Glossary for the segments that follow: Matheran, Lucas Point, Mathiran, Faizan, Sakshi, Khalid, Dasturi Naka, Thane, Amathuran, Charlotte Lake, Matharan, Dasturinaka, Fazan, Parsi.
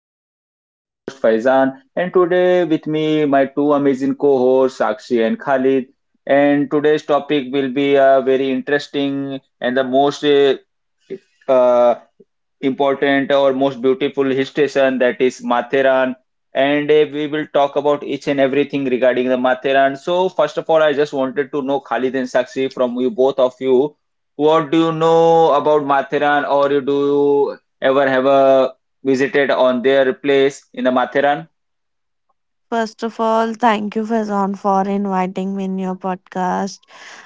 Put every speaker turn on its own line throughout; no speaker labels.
podcast. I'm your host Faizan, and today with me my two amazing co-hosts Sakshi and Khalid. And today's topic will be very interesting and the most uh, important or most beautiful hill station, that is Matheran. And we will talk about each and everything regarding the Matheran. So first of all, I just wanted to know, Khalid and Sakshi, from you, both of you, what do you know about Matheran, or you do you ever have a visited on their place in the Matheran?
First of all, thank you, Fazan, for inviting me in your podcast.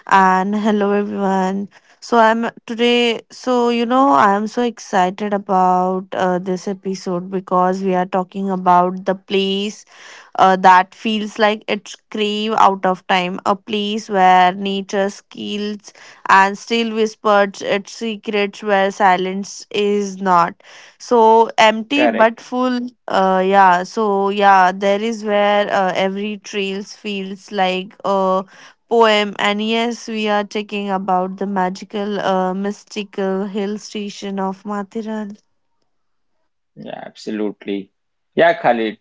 And hello, everyone. So I'm today. I am so excited about this episode because we are talking about the place that feels like it's crave out of time, a place where nature skills and still whispers its secrets where silence is not. So empty but
Correct.
full. There is where every trails feels like a poem. And yes, we are talking about the magical, mystical hill station of Mathiran.
Yeah, absolutely. Yeah, Khalid.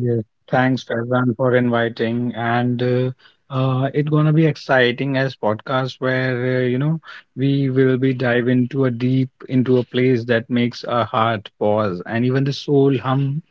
Yes, thanks Faizan for inviting, and it's gonna be exciting as podcast where we will be dive into a deep into a place that makes our heart pause and even the soul hum.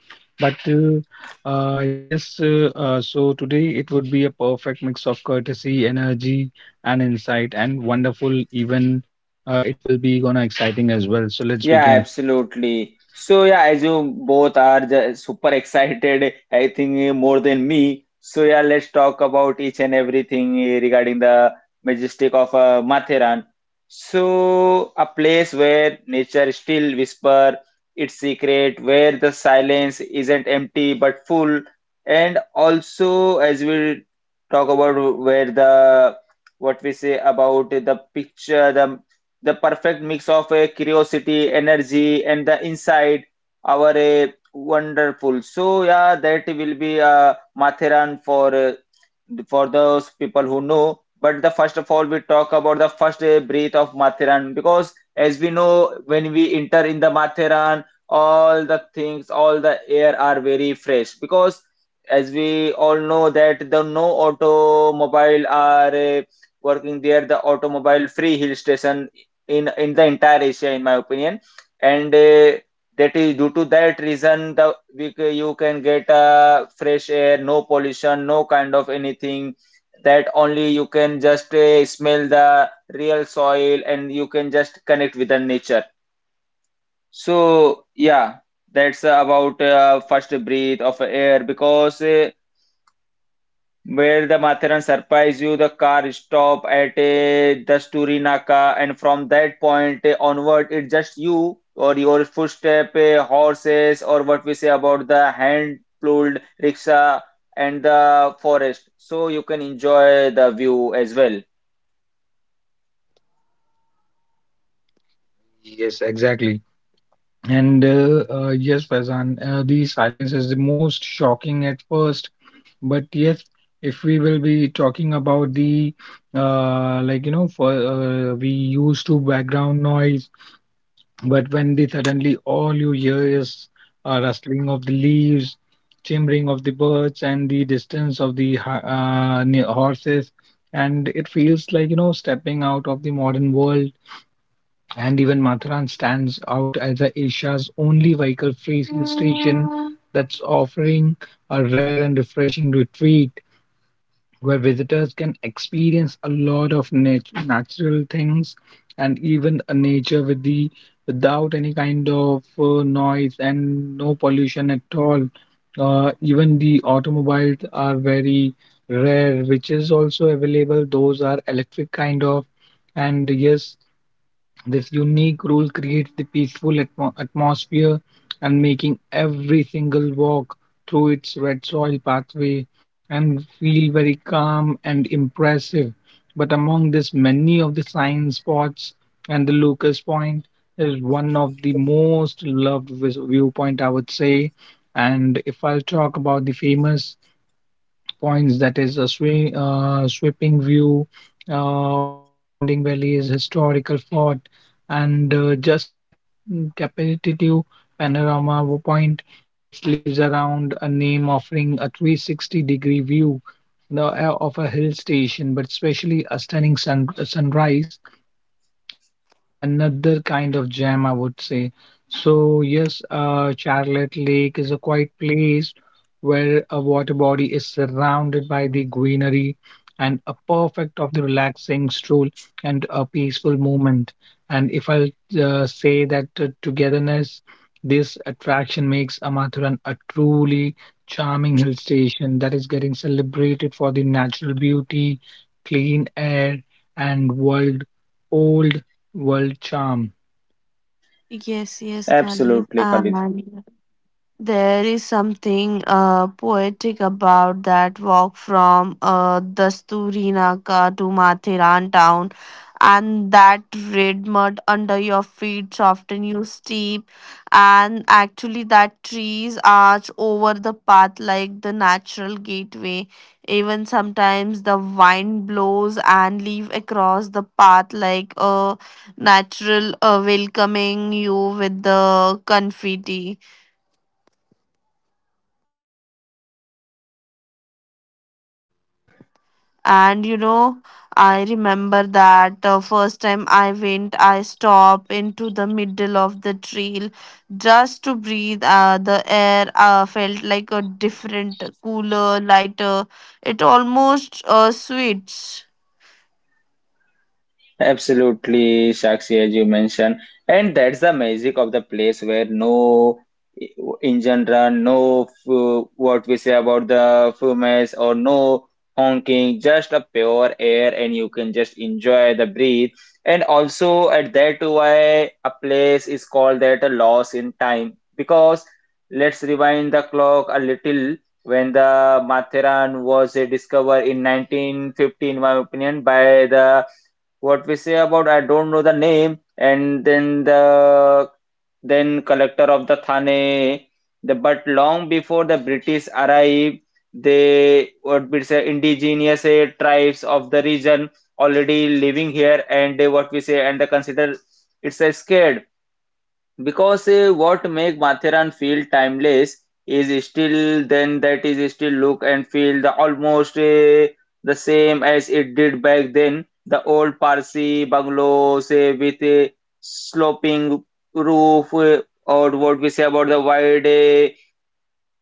So today it would be a perfect mix of courtesy, energy, and insight, and wonderful. Even It will be gonna exciting as well. So let's
Yeah,
begin.
absolutely. So yeah, as you both are super excited, I think more than me. So yeah, let's talk about each and everything regarding the majestic of Matheran. So a place where nature still whisper its secret, where the silence isn't empty but full, and also as we talk about where the what we say about the picture, the perfect mix of a curiosity, energy, and the insight. Our a wonderful. So yeah, that will be Mathiran for those people who know. But the first of all, we talk about the first breath of Mathiran because, as we know, when we enter in the Mathiran, all the things, all the air are very fresh. Because, as we all know, that the no automobile are working there, the automobile free hill station in the entire Asia, in my opinion. And that is due to that reason the you can get fresh air, no pollution, no kind of anything, that only you can just smell the real soil and you can just connect with the nature. So yeah, that's about first breath of air, because where the Matheran surprise you, the car stop at a Dasturi Naka, and from that point onward, it's just you or your footstep, horses, or what we say about the hand-pulled rickshaw and the forest. So you can enjoy the view as well.
Yes, exactly. Faizan, the silence is the most shocking at first. But yes, if we will be talking about the like you know, for we used to background noise, but when they suddenly all you hear is rustling of the leaves, chimering of the birds, and the distance of the horses, and it feels like stepping out of the modern world, and even Matharan stands out as a Asia's only vehicle free hill station that's offering a rare and refreshing retreat where visitors can experience a lot of natural things and even a nature with the without any kind of noise and no pollution at all. Even the automobiles are very rare, which is also available. Those are electric kind of, and yes, this unique rule creates the peaceful atmosphere and making every single walk through its red soil pathway and feel very calm and impressive. But among this, many of the sign spots and the Lucas Point is one of the most loved viewpoint, I would say. And if I'll talk about the famous points that is a sweeping view of the surrounding valleys, historical fort, and just a capitative panorama viewpoint which leaves around a name offering a 360-degree view of a hill station, but especially a stunning sunrise is another kind of gem, I would say. So, yes, Charlotte Lake is a quiet place where a water body is surrounded by the greenery and a perfect of the relaxing stroll and a peaceful movement. And if I'll say that togetherness, this attraction makes Amathuran a truly charming hill station that is getting celebrated for the natural beauty, clean air, and old world charm.
Yes, yes, Khalid.
Absolutely, Khalid.
There is something poetic about that walk from Dasturinaka to Mathiran town, and that red mud under your feet soften you steep, and actually that trees arch over the path like the natural gateway. Even sometimes the wind blows and leave across the path like a natural, welcoming you with the confetti. And you know I remember that first time I went, I stopped into the middle of the trail just to breathe. The air felt like a different cooler lighter. It almost sweet.
Absolutely, Sakshi, as you mentioned. And that's the magic of the place where no engine run, no what we say about the fumes, or no honking, just a pure air and you can just enjoy the breathe. And also at that why a place is called that a loss in time, because let's rewind the clock a little. When the Matheran was discovered in 1915, my opinion, by the what we say about, I don't know the name, and then the then collector of the Thane. The, but long before the British arrived, they what we say indigenous tribes of the region already living here, and they, what we say, and they consider it's a scared. Because what make Mathiran feel timeless is still then, that is still look and feel the almost the same as it did back then. The old Parsi bungalows with a sloping roof, or what we say about the wide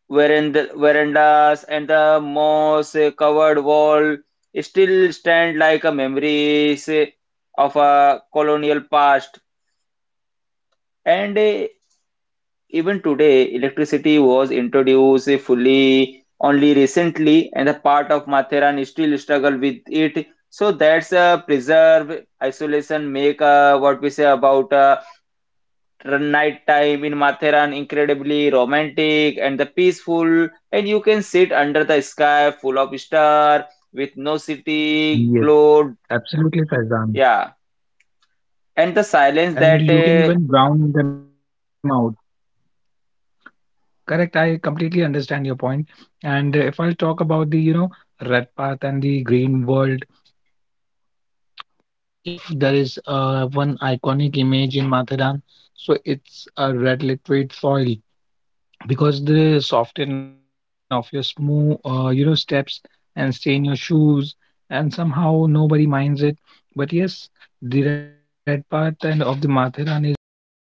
verandas, and the moss covered wall still stand like a memories of a colonial past. And even today, electricity was introduced fully only recently, and the part of Matheran still struggle with it. So that's a preserve isolation make what we say about night time in Matheran incredibly romantic and the peaceful, and you can sit under the sky full of star with no city
Yes,
glow.
absolutely,
Yeah,
Faizan.
and the silence that
And you can even brown them out. Correct, I completely understand your point. And if I'll talk about the red path and the green world, so in that case, if there is one iconic image in mathadan, so it's a red liquid soil because they soften off your smooth, steps and stain your shoes and somehow nobody minds it. But yes, the red path and of the matharan is one of the